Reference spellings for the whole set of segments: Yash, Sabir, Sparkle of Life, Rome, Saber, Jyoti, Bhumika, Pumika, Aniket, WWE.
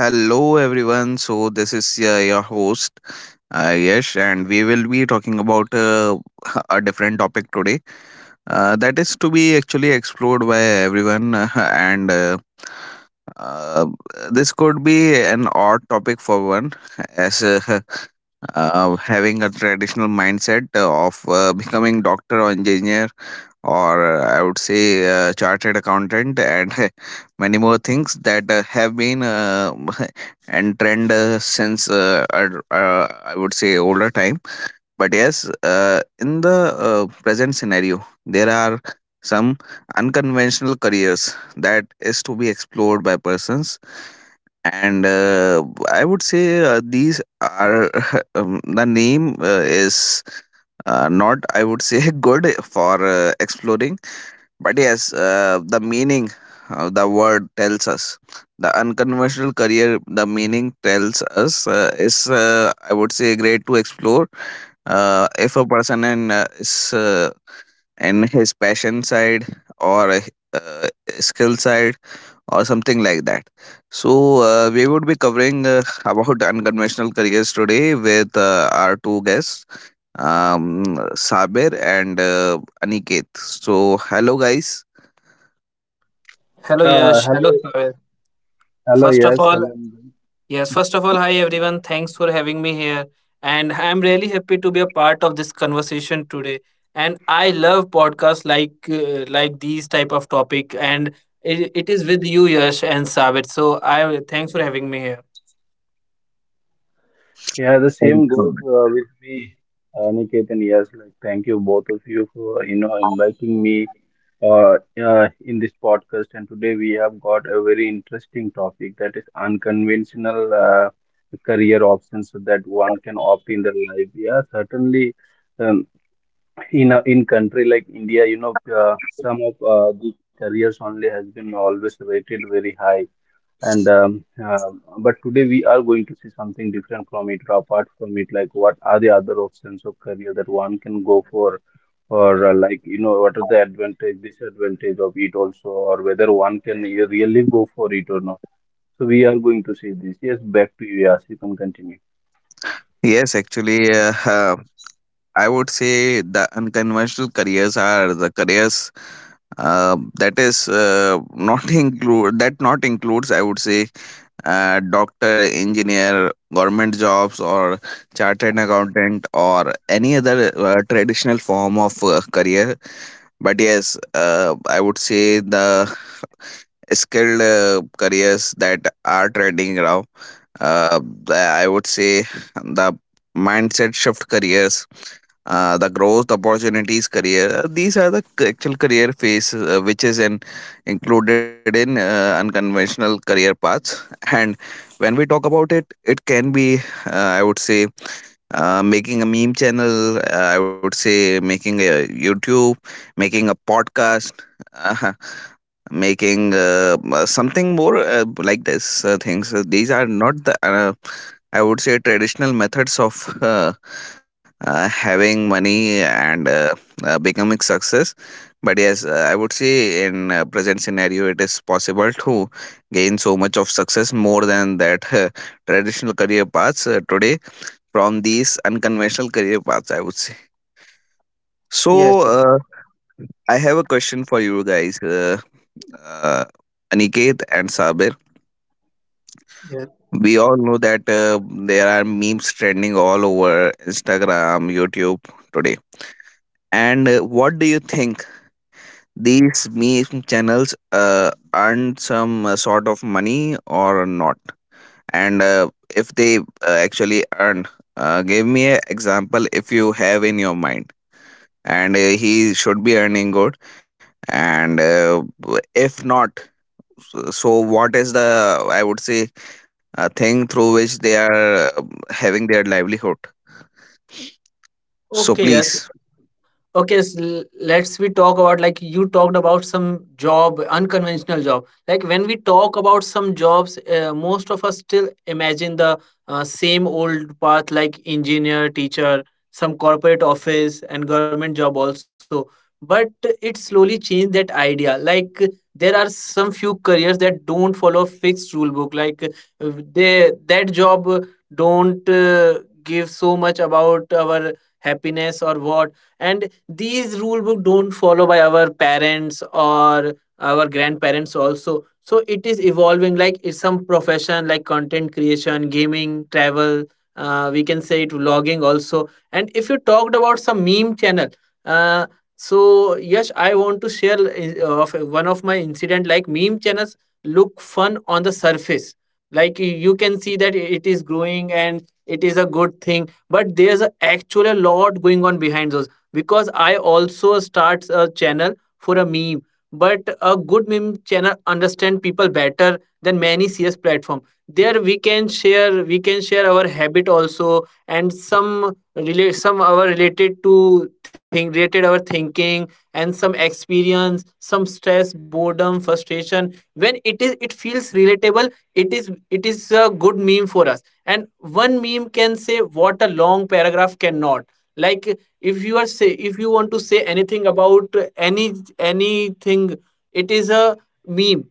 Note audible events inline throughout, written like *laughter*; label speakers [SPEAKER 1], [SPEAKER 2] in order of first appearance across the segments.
[SPEAKER 1] Hello, everyone. This is your host, Yash, and we will be talking about *laughs* a different topic today that is to be actually explored by everyone. *laughs* And uh, this could be an odd topic for one, as *laughs* having a traditional mindset of becoming doctor or engineer or I would say chartered accountant and *laughs* many more things that have been *laughs* and trend since I would say older time. But yes, in the present scenario, there are some unconventional careers that is to be explored by persons and I would say these are *laughs* the name is not I would say *laughs* good for exploring, but yes, the meaning the word tells us. The unconventional career, the meaning tells us is, I would say, great to explore. If a person is in his passion side or uh, skill side or something like that. So we would be covering about unconventional careers today with our two guests, um, Sabir and Aniket. So hello, guys.
[SPEAKER 2] Hello Yash, hello
[SPEAKER 3] Hello,
[SPEAKER 2] Saber.
[SPEAKER 3] hello,
[SPEAKER 2] First of
[SPEAKER 3] yes,
[SPEAKER 2] all,
[SPEAKER 3] hello, Nitin.
[SPEAKER 2] yes, first of all, hi everyone. Thanks for having me here. And I'm really happy to be a part of this conversation today. And I love podcasts like these type of topic. And it is with you, Yash and Sabit. So I thanks for having me here.
[SPEAKER 3] Yeah, the
[SPEAKER 1] Very
[SPEAKER 3] same goes
[SPEAKER 1] common.
[SPEAKER 3] with me, Niketan. Yes, like thank you both of you for inviting me uh, in this podcast. And today we have got a very interesting topic, that is unconventional career options so that one can opt in their life. Yeah, certainly. Um, in a, in country like India, you know, some of the careers only has been always rated very high and but today we are going to see something different from it or apart from it, like what are the other options of career that one can go for, or like you know what are the advantage disadvantage of it also, or whether one can really go for it or not. So we are going to see this. Yes, back to you. Yes, you can continue.
[SPEAKER 1] Yes, actually, I would say the unconventional careers are the careers that is not *laughs* include that not includes. I would say doctor, engineer, government jobs, or chartered accountant, or any other traditional form of career. But yes, I would say the skilled careers that are trending now. Uh, the- I would say the mindset shift careers, the growth opportunities career. These are the actual career phase which is in included in unconventional career paths. And when we talk about it, it can be, uh, I would say, making a meme channel. I would say making a YouTube, making a podcast. *laughs* Making something more like this things. These are not the I would say traditional methods of having money and becoming success. But yes, I would say in present scenario, it is possible to gain so much of success more than that traditional career paths today from these unconventional career paths, I would say.
[SPEAKER 2] Yes.
[SPEAKER 1] So I have a question for you guys. Uh, Aniket and Sabir.
[SPEAKER 2] Yes.
[SPEAKER 1] We all know that there are memes trending all over Instagram, YouTube today. And what do you think? These meme channels earn some sort of money or not? And if they actually earn, give me an example if you have in your mind. And he should be earning good. And if not, so what is the, I would say, thing through which they are uh, having their livelihood? So,
[SPEAKER 2] Okay, Yash.
[SPEAKER 1] please.
[SPEAKER 2] Okay, s l let's we talk about like you talked about some job, unconventional job. Like when we talk about some jobs, most of us still imagine the same old path like engineer, teacher, some corporate office, and government job also. But it slowly changed that idea. Like there are some few careers that don't follow fixed rule book. Like they that job don't give so much about our happiness or what, and these rule book don't follow by our parents or our grandparents also. So it is evolving like it's some profession like content creation, gaming, travel, we can say it vlogging also. And if you talked about some meme channel, uh, so yes, I want to share of one of my incident. Like meme channels look fun on the surface. You can see that it is growing and it is a good thing, but there's a actual a lot going on behind those, because I also start a channel for a meme. But a good meme channel understand people better than many serious platform. There we can share our habit also and some relate some our related to thing related our thinking, and some experience, some stress, boredom, frustration. When it is it feels relatable, it is a good meme for us. And one meme can say what a long paragraph cannot. Like if you are say if you want to say anything about any anything, it is a meme.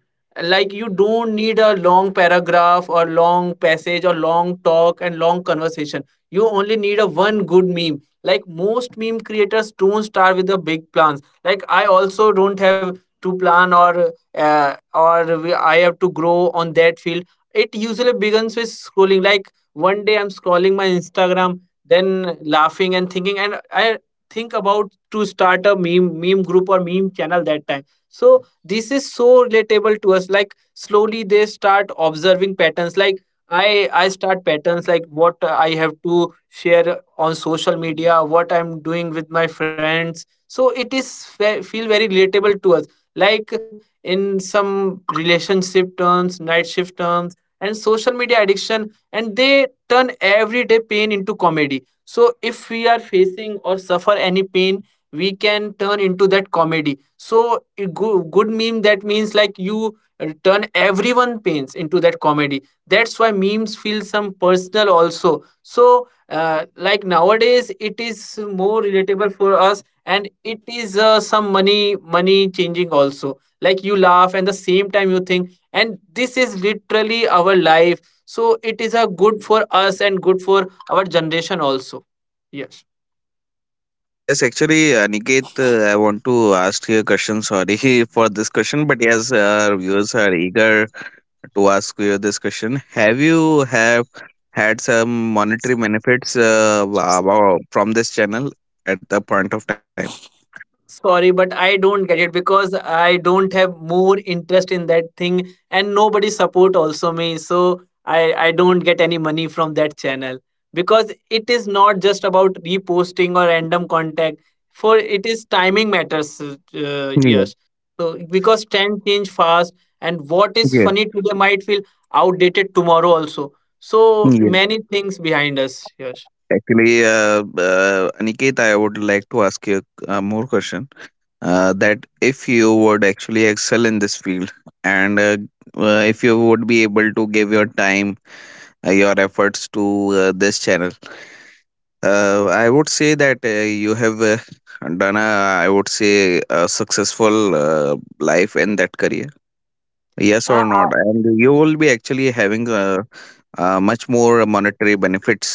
[SPEAKER 2] Like you don't need a long paragraph or long passage or long talk and long conversation. You only need a one good meme. Like most meme creators don't start with the big plans. Like I also don't have to plan or I have to grow on that field. It usually begins with scrolling. Like one day I'm scrolling my Instagram, then laughing and thinking, and I think about to start a meme group or meme channel that time. So this is so relatable to us. Like slowly they start observing patterns. Like I start patterns like what I have to share on social media, what I'm doing with my friends. So it is feel very relatable to us. Like in some relationship terms, night shift terms, and social media addiction, and they turn everyday pain into comedy. So if we are facing or suffer any pain, we can turn into that comedy. So a good meme that means like you turn everyone pains into that comedy. That's why memes feel some personal also. So like nowadays it is more relatable for us, and it is some money changing also. Like you laugh and the same time you think, and this is literally our life. So it is a good for us and good for our generation also. Yes.
[SPEAKER 1] Yes, actually, Niket, I want to ask you a question. Sorry *laughs* for this question, but yes, our viewers are eager to ask you this question. Have you have had some monetary benefits about, from this channel at the point of time?
[SPEAKER 2] Sorry, but I don't get it because I don't have more interest in that thing, and nobody support also me. So I don't get any money from that channel, because it is not just about reposting or random contact. For it is timing matters.
[SPEAKER 1] Yeah,
[SPEAKER 2] Yes. So because trend change fast, and what is
[SPEAKER 1] yeah,
[SPEAKER 2] funny today might feel outdated tomorrow also, so
[SPEAKER 1] yeah.
[SPEAKER 2] many things behind us. Yes.
[SPEAKER 1] Actually, Aniket, I would like to ask you a more question. That if you would actually excel in this field and if you would be able to give your time, your efforts to this channel, I would say that you have done a, I would say, a successful life in that career, yes or
[SPEAKER 2] Uh,
[SPEAKER 1] not, and you will be actually having much more monetary benefits.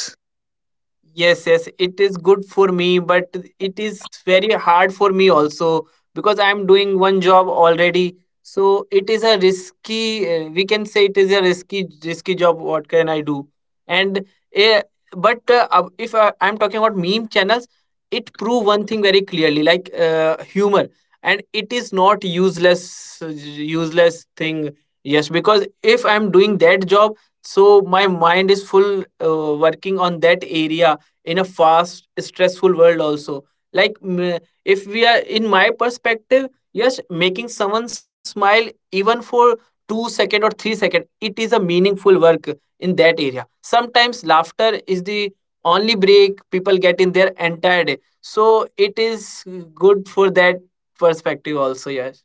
[SPEAKER 2] Yes, yes, it is good for me, but it is very hard for me also, because I'm doing one job already. So it is a risky, we can say it is a risky job. What can I do? And uh, but if I'm talking about meme channels, it prove one thing very clearly, like humor, and it is not useless, useless thing. Yes, because if I'm doing that job, so my mind is full working on that area in a fast stressful world also. like m- if we are in my perspective, yes, making someone smile even for 2 second or 3 second, it is a meaningful work in that area. Sometimes laughter is the only break people get in their entire day, so it is good for that perspective also. Yes.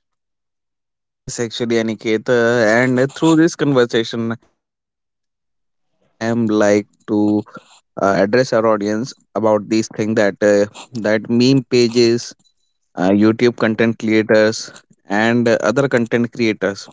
[SPEAKER 1] Yes, actually, Aniket, and through this conversation, I am like to address our audience about these things that that meme pages, YouTube content creators, and other content creators,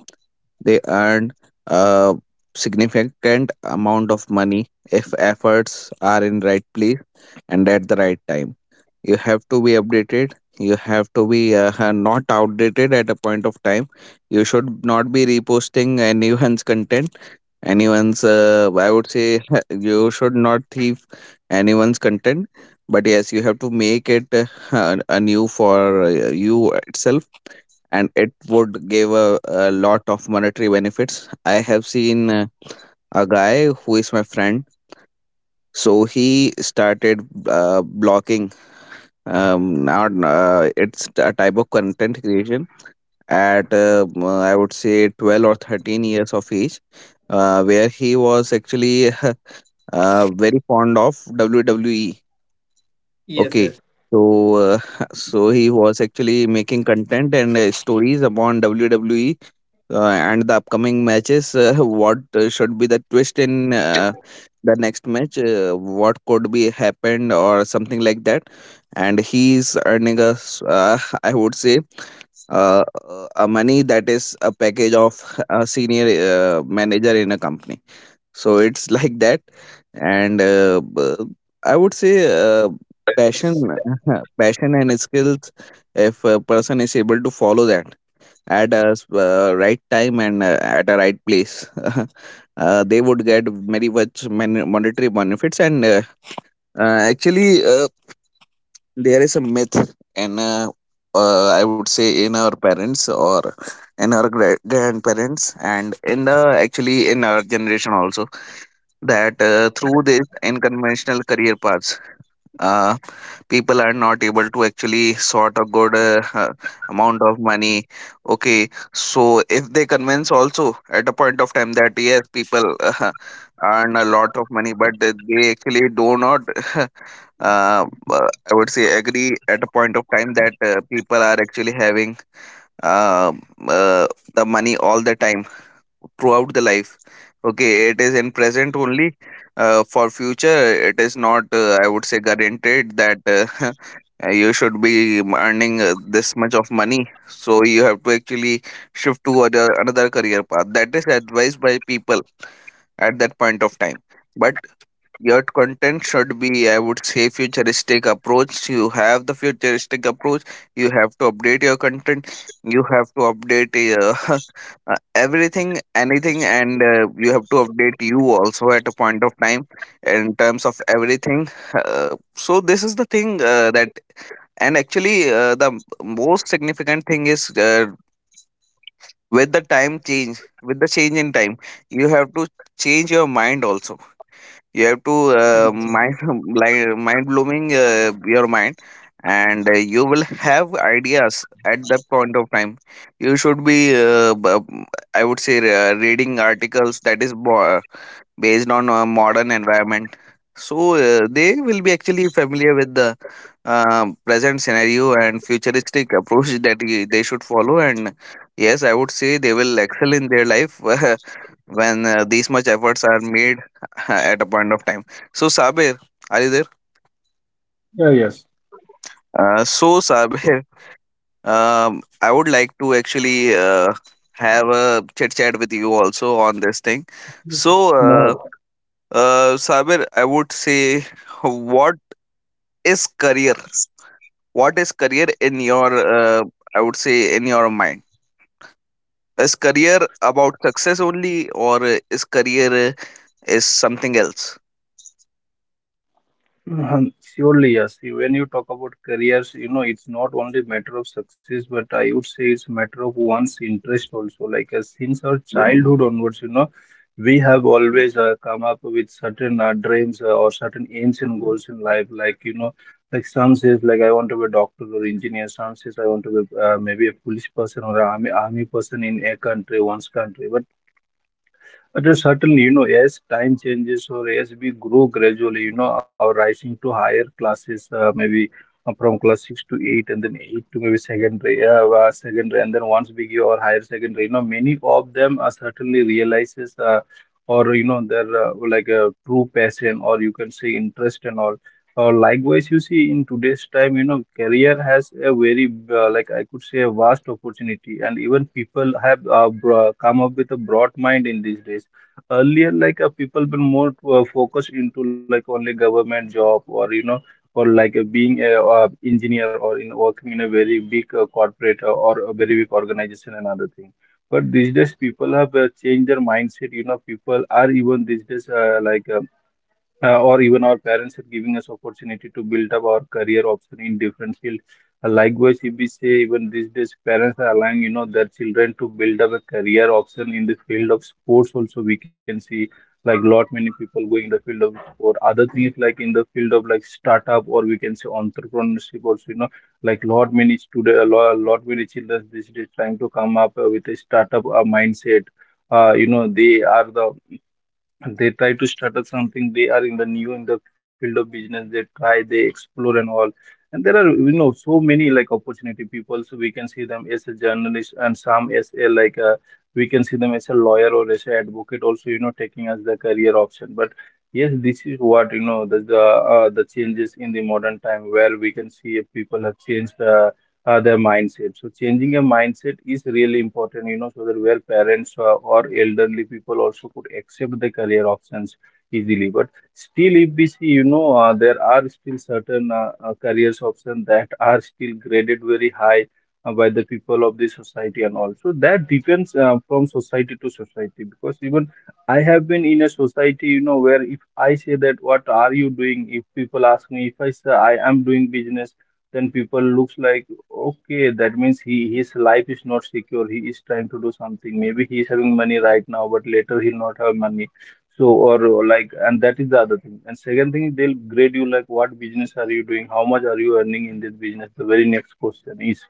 [SPEAKER 1] they earn a significant amount of money if efforts are in right place and at the right time. You have to be updated. You have to be not outdated at a point of time. You should not be reposting anyone's content, anyone's, I would say, *laughs* you should not thief anyone's content, but yes, you have to make it anew for you itself, and it would give a lot of monetary benefits. I have seen a guy who is my friend. So he started blocking, not it's a type of content creation at I would say 12 or 13 years of age, where he was actually *laughs* very fond of wwe,
[SPEAKER 2] Yes,
[SPEAKER 1] okay.
[SPEAKER 2] yes.
[SPEAKER 1] So *laughs* so he was actually making content and stories upon wwe, uh, and the upcoming matches, *laughs* what should be the twist in the next match, what could be happened or something like that. And he's earning us, *laughs* I would say, a money that is a package of a senior manager in a company. So it's *laughs* like that. And I would say uh, passion, *laughs* passion and skills, if a person is able to follow that at a right time and at a right place, *laughs* they would get very much monetary benefits. And actually, there is a myth, in, I would say, in our parents or in our grandparents, and in the actually in our generation also, that through this unconventional career paths, uh, people are not able to actually sort a good amount of money. Okay, so if they convince also at a point of time that yes, people earn a lot of money, but they actually do not *laughs* uh, uh, I would say agree at a point of time that people are actually having uh, uh, the money all the time throughout the life. Okay, it is in present only. For future, it is not, I would say, guaranteed that *laughs* you should be earning this much of money. So you have to actually shift to other, another career path that is advised by people at that point of time. But your content should be, I would say, futuristic approach. You have the futuristic approach. You have to update your content. You have to update uh, *laughs* everything, anything, and you have to update you also at a point of time in terms of everything. So this is the thing that, and actually, the most significant thing is with the time change, with the change in time, you have to change your mind also. You have to mind, *laughs* like mind blooming your mind, and you will have ideas at that point of time. You should be I would say reading articles that is based on a modern environment, so they will be actually familiar with the present scenario and futuristic approach that they should follow, and yes, I would say they will excel in their life. *laughs* When these much efforts are made *laughs* at a point of time. So Sabir, are you there?
[SPEAKER 3] Yeah, yes.
[SPEAKER 1] So Sabir, *laughs* I would like to actually have a chit chat with you also on this thing. So
[SPEAKER 3] No.
[SPEAKER 1] Sabir, I would say, what is career? What is career in your? I would say in your mind. Is career about success only, or is career is something else?
[SPEAKER 3] *laughs* Surely, yes. When you talk about careers, you know, it's not only matter of success, but I would say it's a matter of one's interest also. Like since our childhood onwards, you know, we have always come up with certain dreams or certain aims and goals in life. Like, you know, like some says, like I want to be a doctor or engineer. Some says I want to be maybe a police person or an army army person in a country, one's country. But but certainly, you know, as time changes or as we grow gradually, you know, our rising to higher classes, maybe from class six to eight, and then eight to maybe secondary, secondary, and then once we give our higher secondary, you know, many of them are certainly realizes, or you know, their like a true passion, or you can say interest and all. Likewise, you see, in today's time, you know, career has a very like I could say a vast opportunity, and even people have come up with a broad mind in these days. Earlier, like people were more focused into like only government job, or you know, or like being a engineer, or in working in a very big corporate or a very big organization and other thing. But these days people have changed their mindset. You know, people are, even these days or even our parents are giving us opportunity to build up our career option in different field. Likewise, if we say even these days parents are allowing, you know, their children to build up a career option in the field of sports. Also, we can see like lot many people going in the field of sport. Other things like in the field of like startup, or we can say entrepreneurship. Also, you know, like lot many student, a lot many children these days trying to come up with a startup mindset. You know, they are the, they try to start up something, they are in the new in the field of business, they try, they explore and all. And there are, you know, so many like opportunity people, so we can see them as a journalist and some as a like a, we can see them as a lawyer or as a advocate also, you know, taking as the career option. But yes, this is what, you know, the the changes in the modern time, where we can see if people have changed their mindset. So changing a mindset is really important, you know, so that where parents or elderly people also could accept the career options easily. But still, if we see, you know, there are still certain careers options that are still graded very high by the people of the society, and also that depends from society to society. Because even I have been in a society, you know, where if I say that what are you doing, if people ask me, if I say I am doing business, then people looks like, okay, that means he, his life is not secure. He is trying to do something. Maybe he is having money right now, but later he'll not have money. So, or like, and that is the other thing. And second thing, they'll grade you like, what business are you doing? How much are you earning in this business? The very next question is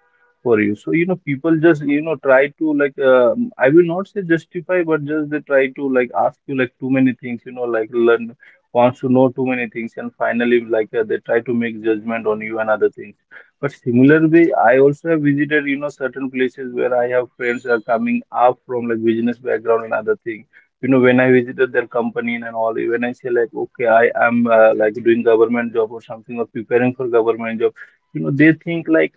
[SPEAKER 3] for you. So you know, people just you know try to like, I will not say justify, but just they try to like ask you like too many things. You know, like learn wants to know too many things, and finally like they try to make judgment on you and other things. But similar way, I also have visited, you know, certain places where I have friends who are coming up from like business background and other thing. You know, when I visited their company and all, when I say like, okay, I am like doing government job or something, or preparing for government job, you know, they think like,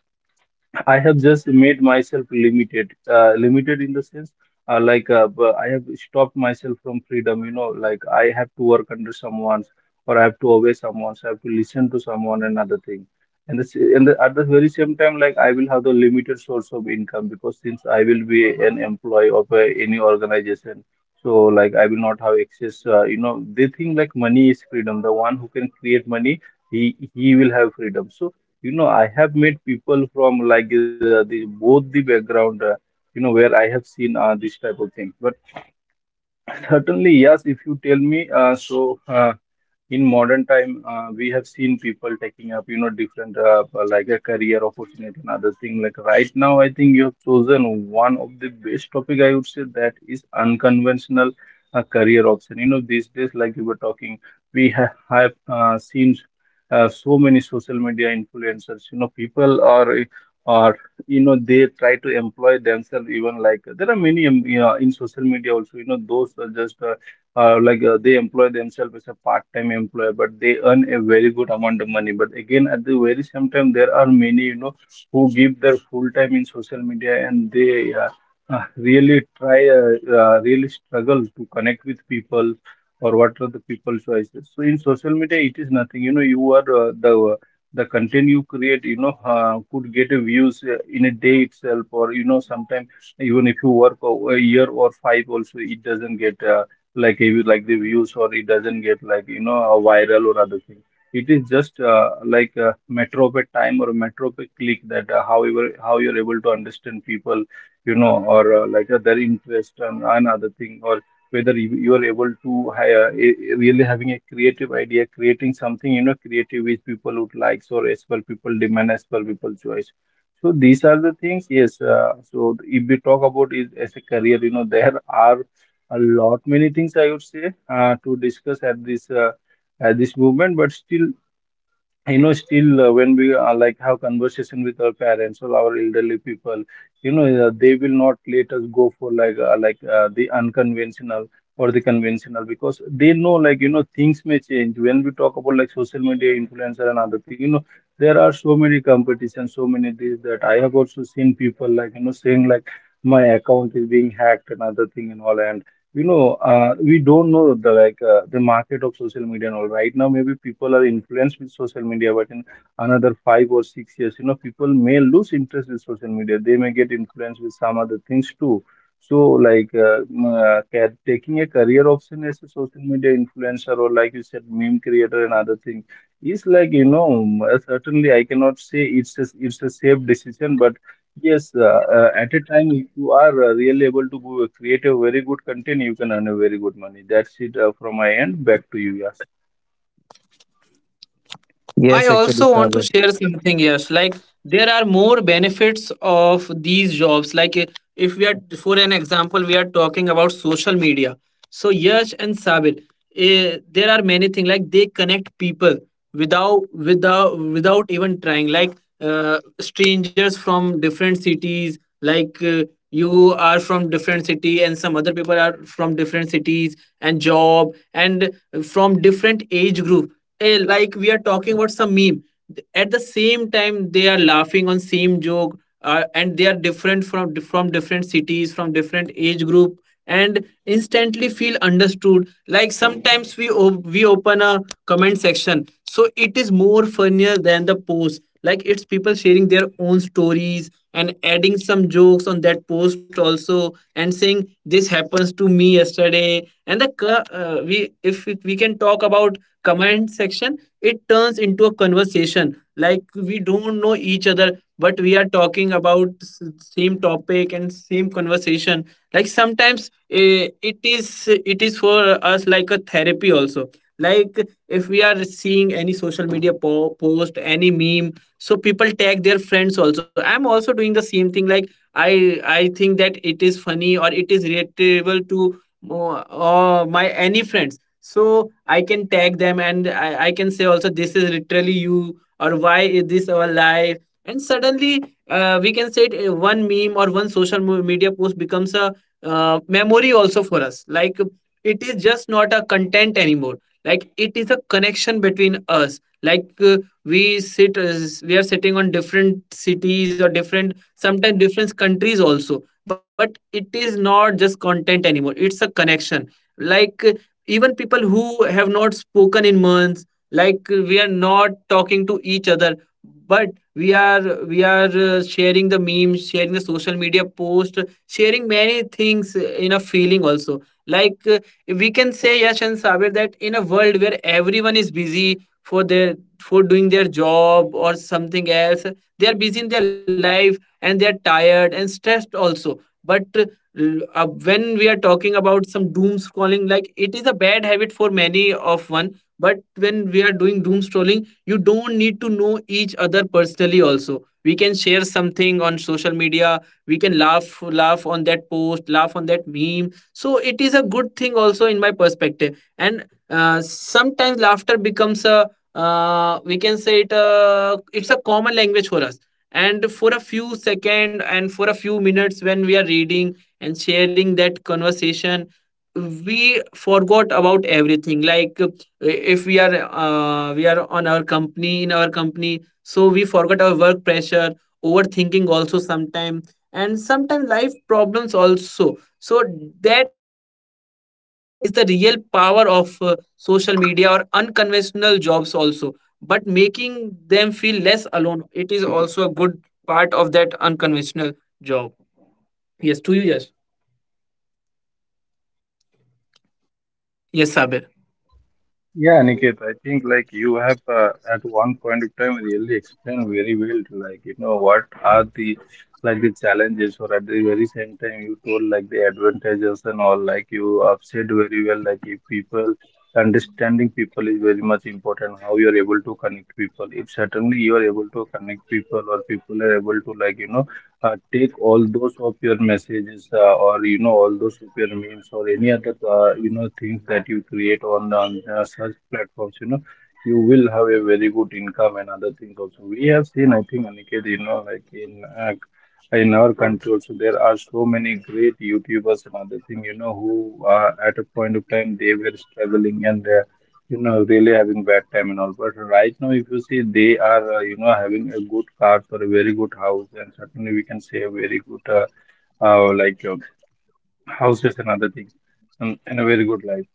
[SPEAKER 3] I have just made myself limited, limited in the sense I have stopped myself from freedom. You know, like I have to work under someone's, or I have to obey someone's, I have to listen to someone and other thing. And this, and the, at the very same time, like I will have the limited source of income, because since I will be an employee of any organization, so like I will not have access. You know, they think like money is freedom. The one who can create money, he will have freedom. So you know I have met people from like the both the background, you know, where I have seen this type of things. But *laughs* certainly yes, if you tell me uh, in modern time we have seen people taking up you know different like a career opportunity and other thing. Like right now I think you have chosen one of the best topic, I would say, that is unconventional career option. You know these days, like you were talking, we have seen so many social media influencers. You know people are, you know they try to employ themselves. Even like there are many yeah, in social media also, you know those are just they employ themselves as a part-time employer, but they earn a very good amount of money. But again, at the very same time, there are many, you know, who give their full time in social media, and they really try, really struggle to connect with people, or what are the people choices. So in social media, it is nothing. You know, you are the content you create, you know, could get a views in a day itself, or you know, sometimes even if you work a year or five, also it doesn't get like if- like the views, or it doesn't get like you know a viral or other thing. It is just like a metro per time or a metro per click, that however how you're able to understand people, you know, or their interest and other thing, or whether you are able to really having a creative idea, creating something you know creative which people would like, or as per people demand, as per people choice. So these are the things. Yes, so if we talk about is as a career, you know there are a lot many things, I would say, to discuss at this moment. But still, when we like have conversation with our parents or our elderly people, they will not let us go for the unconventional or the conventional, because they know, like you know, things may change when we talk about like social media influencer and other thing, you know, there are so many competitions, so many things that I have also seen people like, you know, saying like my account is being hacked and other thing and all. And you know we don't know the the market of social media and all right now. Maybe people are influenced with social media, but in another 5 or 6 years, you know, people may lose interest in social media. They may get influenced with some other things too. So taking a career option as a social media influencer or like you said meme creator and other things is like, you know, certainly I cannot say it's a safe decision. But yes, at a time, if you are really able to create a very good content, you can earn a very good money. That's it from my end. Back to you, Yas.
[SPEAKER 2] I
[SPEAKER 1] Yes, actually,
[SPEAKER 2] also want
[SPEAKER 1] sir.
[SPEAKER 2] to share something, yes. Like there are more benefits of these jobs. If we are for an example, we are talking about social media. So Yash and Sabir, eh, there are many things like they connect people without without even trying. Like strangers from different cities, like you are from different city and some other people are from different cities and job and from different age group, eh, like we are talking about some meme. At the same time they are laughing on same joke, and they are different from different cities from different age group, and instantly feel understood. Like sometimes we open a comment section, so it is more funnier than the post. Like it's people sharing their own stories and adding some jokes on that post also, and saying this happens to me yesterday. And we if we we can talk about comment section, it turns into a conversation. Like we don't know each other, but we are talking about same topic and same conversation. Like sometimes, eh, it is for us like a therapy also. Like if we are seeing any social media post, any meme, so people tag their friends also. I'm also doing the same thing. Like I think that it is funny or it is relatable to my any friends, so I can tag them, and I can say also this is literally you, or why is this our life. And suddenly we can say it, one meme or one social media post becomes a memory also for us. Like it is just not a content anymore. Like it is a connection between us. Like we are sitting on different cities or different sometimes different countries also, but it is not just content anymore, it's a connection. Like even people who have not spoken in months, like we are not talking to each other, but we are sharing the memes, sharing the social media post, sharing many things in a feeling also. Like we can say Yash and Sabir, that in a world where everyone is busy for their for doing their job or something else, they are busy in their life and they are tired and stressed also. But when we are talking about some doom scrolling, like it is a bad habit for many of one. But when we are doing doom scrolling, you don't need to know each other personally also. We can share something on social media, we can laugh on that post, laugh on that meme. So it is a good thing also in my perspective. And sometimes laughter becomes a we can say it it's a common language for us. And for a few second and for a few minutes, when we are reading and sharing that conversation, we forgot about everything. Like if we are we are our company in our company, so we forgot our work pressure, overthinking also sometime, and sometimes life problems also. So that is the real power of social media or unconventional jobs also. But making them feel less alone, it is also a good part of that unconventional job. Yes to you. Yes, yes, Sabir.
[SPEAKER 3] Yeah, Aniket, I think like you have at one point of time really explained very well, like you know what are the the challenges, or at the very same time you told like the advantages and all. Like you have said very well, like if people understanding people is very much important. How you are able to connect people. If certainly you are able to connect people, or people are able to, like you know, take all those of your messages or, you know, all those of your memes or any other you know things that you create on, on such platforms, you know, you will have a very good income and other things. Also, we have seen, I think, Aniket, you know, like uh, in our country also, there are so many great YouTubers and other thing, you know, who at a point of time they were struggling, and you know, really having bad time and all. But right now, if you see, they are, you know, having a good cars or a very good house, and certainly we can say a very good, uh, like. uh, houses and other things, and a very good life.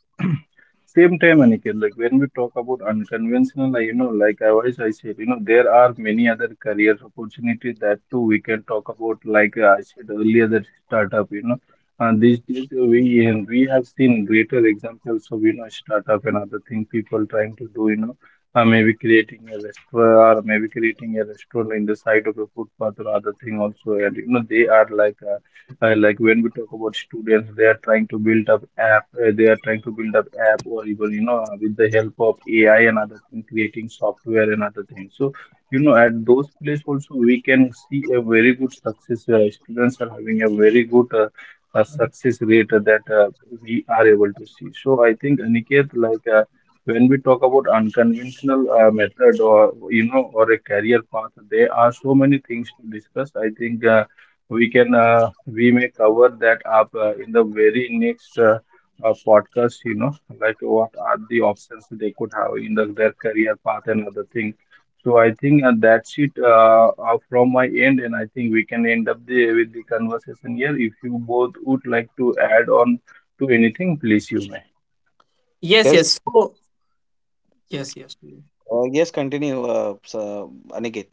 [SPEAKER 3] *clears throat* Same time, Aniket, like when we talk about unconventional, like, you know, like I always I said, you know, there are many other career opportunities that too we can talk about. Like I said earlier, that startup, you know, and these days we have seen greater examples of, you know, startup and other thing, people trying to do, you know, maybe creating a restaurant, or maybe creating a restaurant in the side of a footpath or other thing also, and you know they are like. Like when we talk about students, they are trying to build up app. They are trying to build up app, or even, you know, with the help of AI and other things, creating software and other things. So you know at those places also we can see a very good success. Students are having a very good success rate that we are able to see. So I think, Aniket, like when we talk about unconventional method or, you know, or a career path, there are so many things to discuss, I think. We can we may cover that up in the very next podcast, you know, like what are the options they could have in the, their career path and other things. So I think that's it from my end, and I think we can end up the with the conversation here. If you both would like to add on to anything, please you may.
[SPEAKER 2] Yes,
[SPEAKER 4] Yes,
[SPEAKER 2] yes. So, yes, yes, please.
[SPEAKER 4] yes, continue, so, Aniket.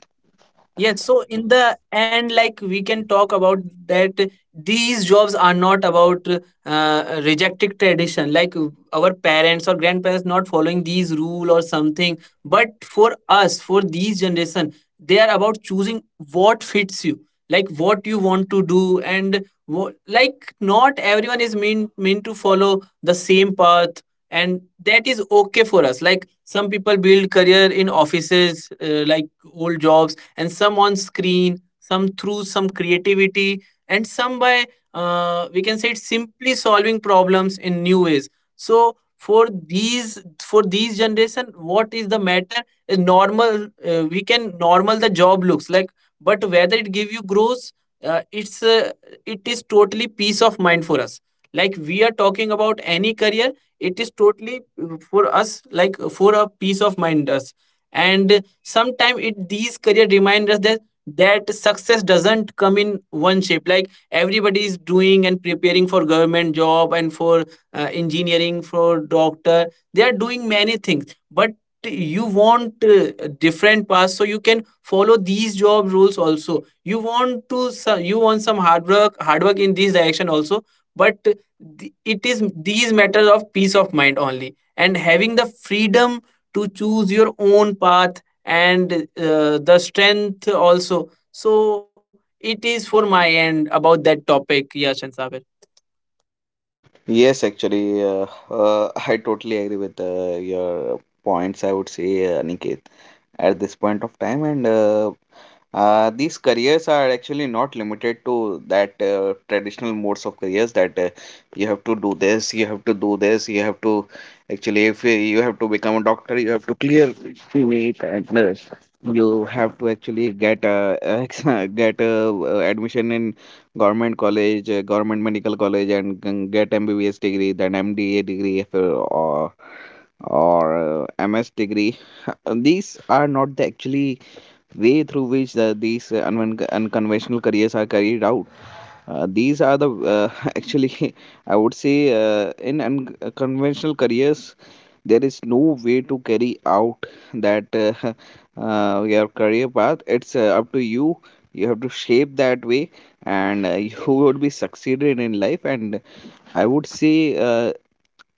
[SPEAKER 2] Yes, so in the end, like we can talk about that these jobs are not about rejecting tradition, like our parents or grandparents not following these rule or something. But for us, for these generation, they are about choosing what fits you, like what you want to do. And like not everyone is mean to follow the same path, and that is okay for us. Like some people build career in offices, like old jobs, and some on screen, some through some creativity, and some by we can say it's simply solving problems in new ways. So for these generation, what is the matter is normal. We can normal the job looks like, but whether it give you growth, uh, it's uh, it is totally peace of mind for us. Like we are talking about any career, it is totally for us like for a peace of mind us. And sometimes it these career remind us that that success doesn't come in one shape, like everybody is doing and preparing for government job and for engineering, for doctor. They are doing many things, but you want different paths, so you can follow these job rules also you want to you want some hard work in this direction also. But it is these matters of peace of mind only, and having the freedom to choose your own path, and the strength also. So it is for my end about that topic, Yash and Sabir.
[SPEAKER 4] Yes, actually, *laughs* I totally agree with your points, I would say, Aniket. At this point of time and these careers are actually not limited to that traditional modes of careers that you have to do this, you have to actually, if you have to become a doctor, you have to clear it, and you have to actually get a *laughs* get a admission in government college, government medical college, and get mbbs degree, then mda degree, if, or or MS degree. *laughs* These are not the actually way through which the, these unconventional careers are carried out. These are the *laughs* actually, I would say, in unconventional careers, there is no way to carry out that *laughs* your career path. It's up to you. You have to shape that way, and *laughs* you would be succeeded in life. And I would say,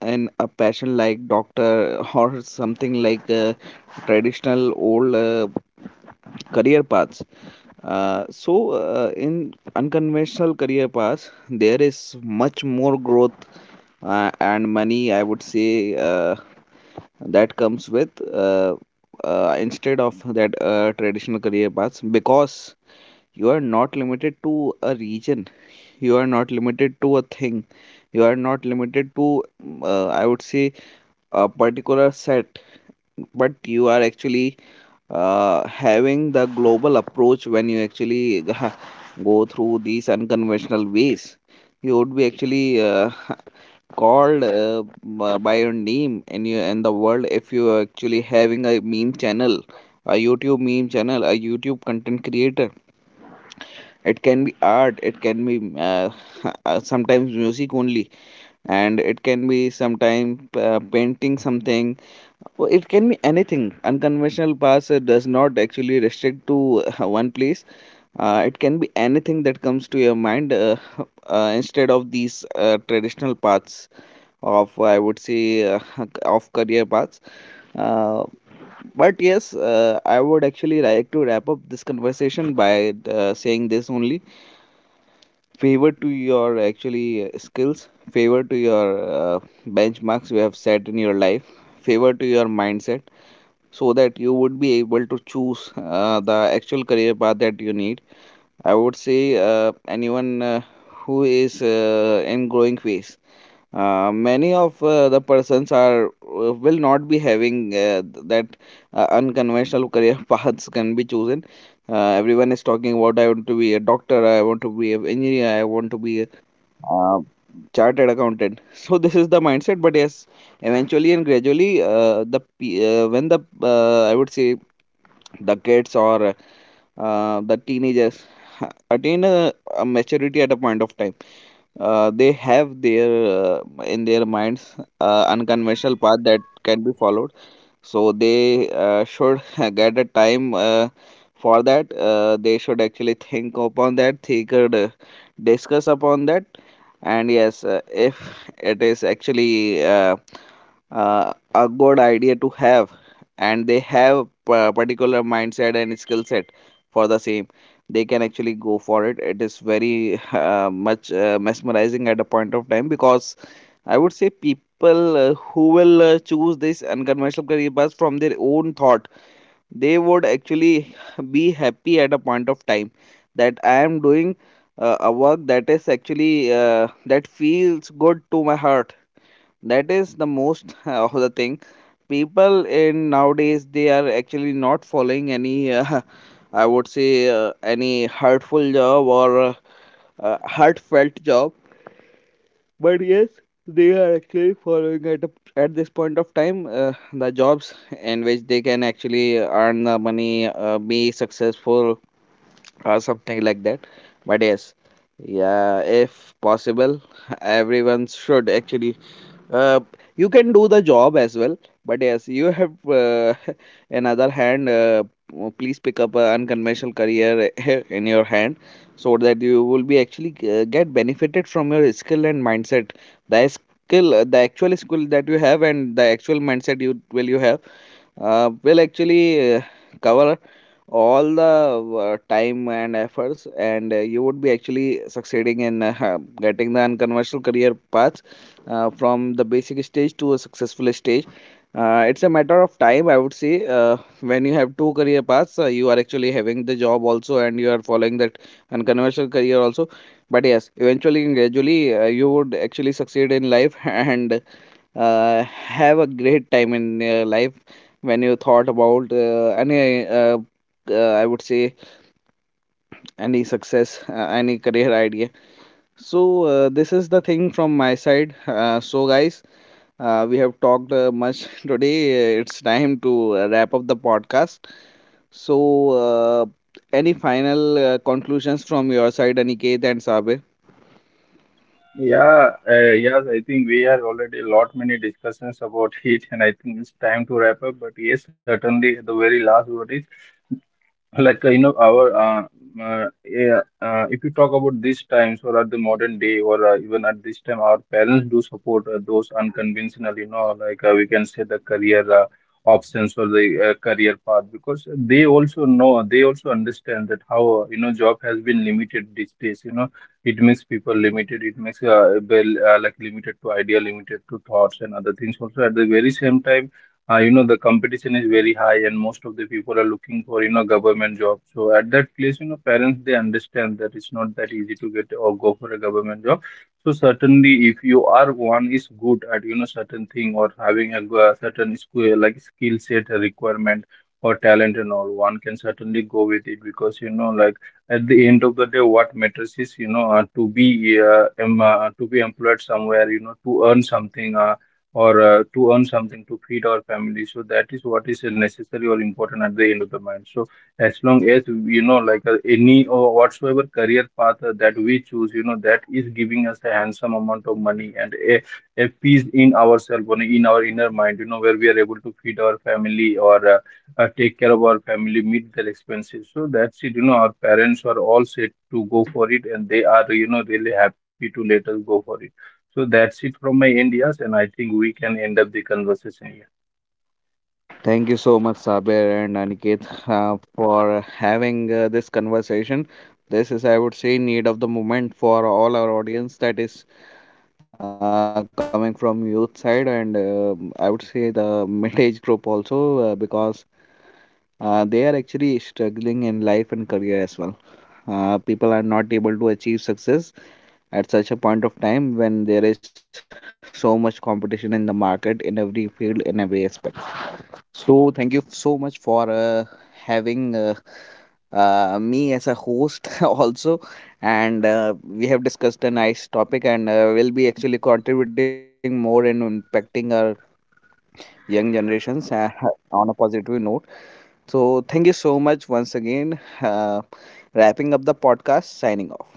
[SPEAKER 4] in a passion like doctor or something like traditional old career paths, so in unconventional career paths there is much more growth and money, I would say, that comes with instead of that traditional career paths, because you are not limited to a region, you are not limited to a thing, you are not limited to I would say a particular set, but you are actually having the global approach. When you actually *laughs* go through these unconventional ways, you would be actually called by your name in your in the world, if you are actually having a meme channel, a YouTube meme channel, a YouTube content creator. It can be art, it can be uh, *laughs* sometimes music only, and it can be sometimes painting something. Well, it can be anything. Unconventional pass does not actually restrict to *laughs* one place. It can be anything that comes to your mind, *laughs* instead of these traditional paths of, I would say, *laughs* of career paths. Uh, but yes, I would actually like to wrap up this conversation by saying this only. Favor to your actually skills, favor to your uh, benchmarks you have set in your life, favor to your mindset, so that you would be able to choose the actual career path that you need. I would say anyone who is in growing phase. Many of the persons are will not be having that unconventional career *laughs* paths can be chosen. Everyone is talking about I want to be a doctor, I want to be an engineer, I want to be a uh, chartered accountant. *laughs* So this is the mindset. But yes, eventually and gradually, when the I would say the kids or the teenagers *laughs* attain a maturity at a point of time, they have their in their minds unconventional path that can be followed. So they should *laughs* get a time for that. Uh, they should actually think upon that, they could discuss upon that, and yes, if it is actually a good idea to have, and they have particular mindset and skill set for the same, they can actually go for it. It is very *laughs* much mesmerizing at a point of time, because I would say people who will choose this unconventional career path from their own thought, they would actually *laughs* be happy at a point of time that I am doing a work that is actually that feels good to my heart. That is the most *laughs* of the thing. People in nowadays, they are actually not following any *laughs* I would say any hurtful job or heartfelt job. But yes, they are actually following at, a, at this point of time the jobs in which they can actually earn the money, be successful, or something like that. But yes, yeah, if possible, *laughs* everyone should actually uh, you can do the job as well, but yes, you have *laughs* another hand, please pick up an unconventional career *laughs* in your hand, so that you will be actually get benefited from your skill and mindset. The skill, the actual skill that you have and the actual mindset you have will actually cover all the time and efforts, and you would be actually succeeding in *laughs* getting the unconventional career paths from the basic stage to a successful stage. Uh, it's a matter of time, I would say, when you have two career paths, you are actually having the job also and you are following that unconventional career also. But yes, eventually and gradually, you would actually succeed in life *laughs* and have a great time in your life, when you thought about any I would say any success, any career idea. So this is the thing from my side. Uh, so guys, we have talked much *laughs* today. It's time to wrap up the podcast. So any final conclusions from your side, Aniket and Sabir?
[SPEAKER 3] Yeah, yes, I think we are already a lot many discussions about it, and I think it's time to wrap up. But yes, certainly the very last word is like you know our yeah, if you talk about these times or at the modern day or even at this time, our parents do support those unconventional, you know, like we can say the career options or the career path, because they also know, they also understand that how you know job has been limited these days, you know, it makes people limited, it makes limited to idea, limited to thoughts and other things also. At the very same time, you know, the competition is very high, and most of the people are looking for, you know, government job. So at that place, you know, parents, they understand that it's not that easy to get or go for a government job. So certainly if you are one is good at, you know, certain thing, or having a, a certain skill, like skill set a requirement or talent and all, one can certainly go with it, because you know, like at the end of the day, what matters is, you know, to be to be employed somewhere, you know, to earn something, or to earn something to feed our family. So that is what is necessary or important at the end of the month. So as long as, you know, like any or whatsoever career path that we choose, you know, that is giving us a handsome amount of money, and a peace in ourselves or in our inner mind. You know, where we are able to feed our family, or take care of our family, meet their expenses. So that's it. You know, our parents are all set to go for it, and they are, you know, really happy to let us go for it. So that's it from my end, yes, and I think we can end up the conversation.
[SPEAKER 4] Thank you so much, Saber and Aniket, for having this conversation. This is, I would say, need of the moment for all our audience, that is coming from youth side, and I would say the *laughs* mid-age group also, because they are actually struggling in life and career as well. People are not able to achieve success at such a point of time when there is so much competition in the market, in every field, in every aspect. So thank you so much for having me as a host *laughs* also, and we have discussed a nice topic, and will be actually contributing more and impacting our young generations *laughs* on a positive note. So thank you so much once again. Wrapping up the podcast, signing off.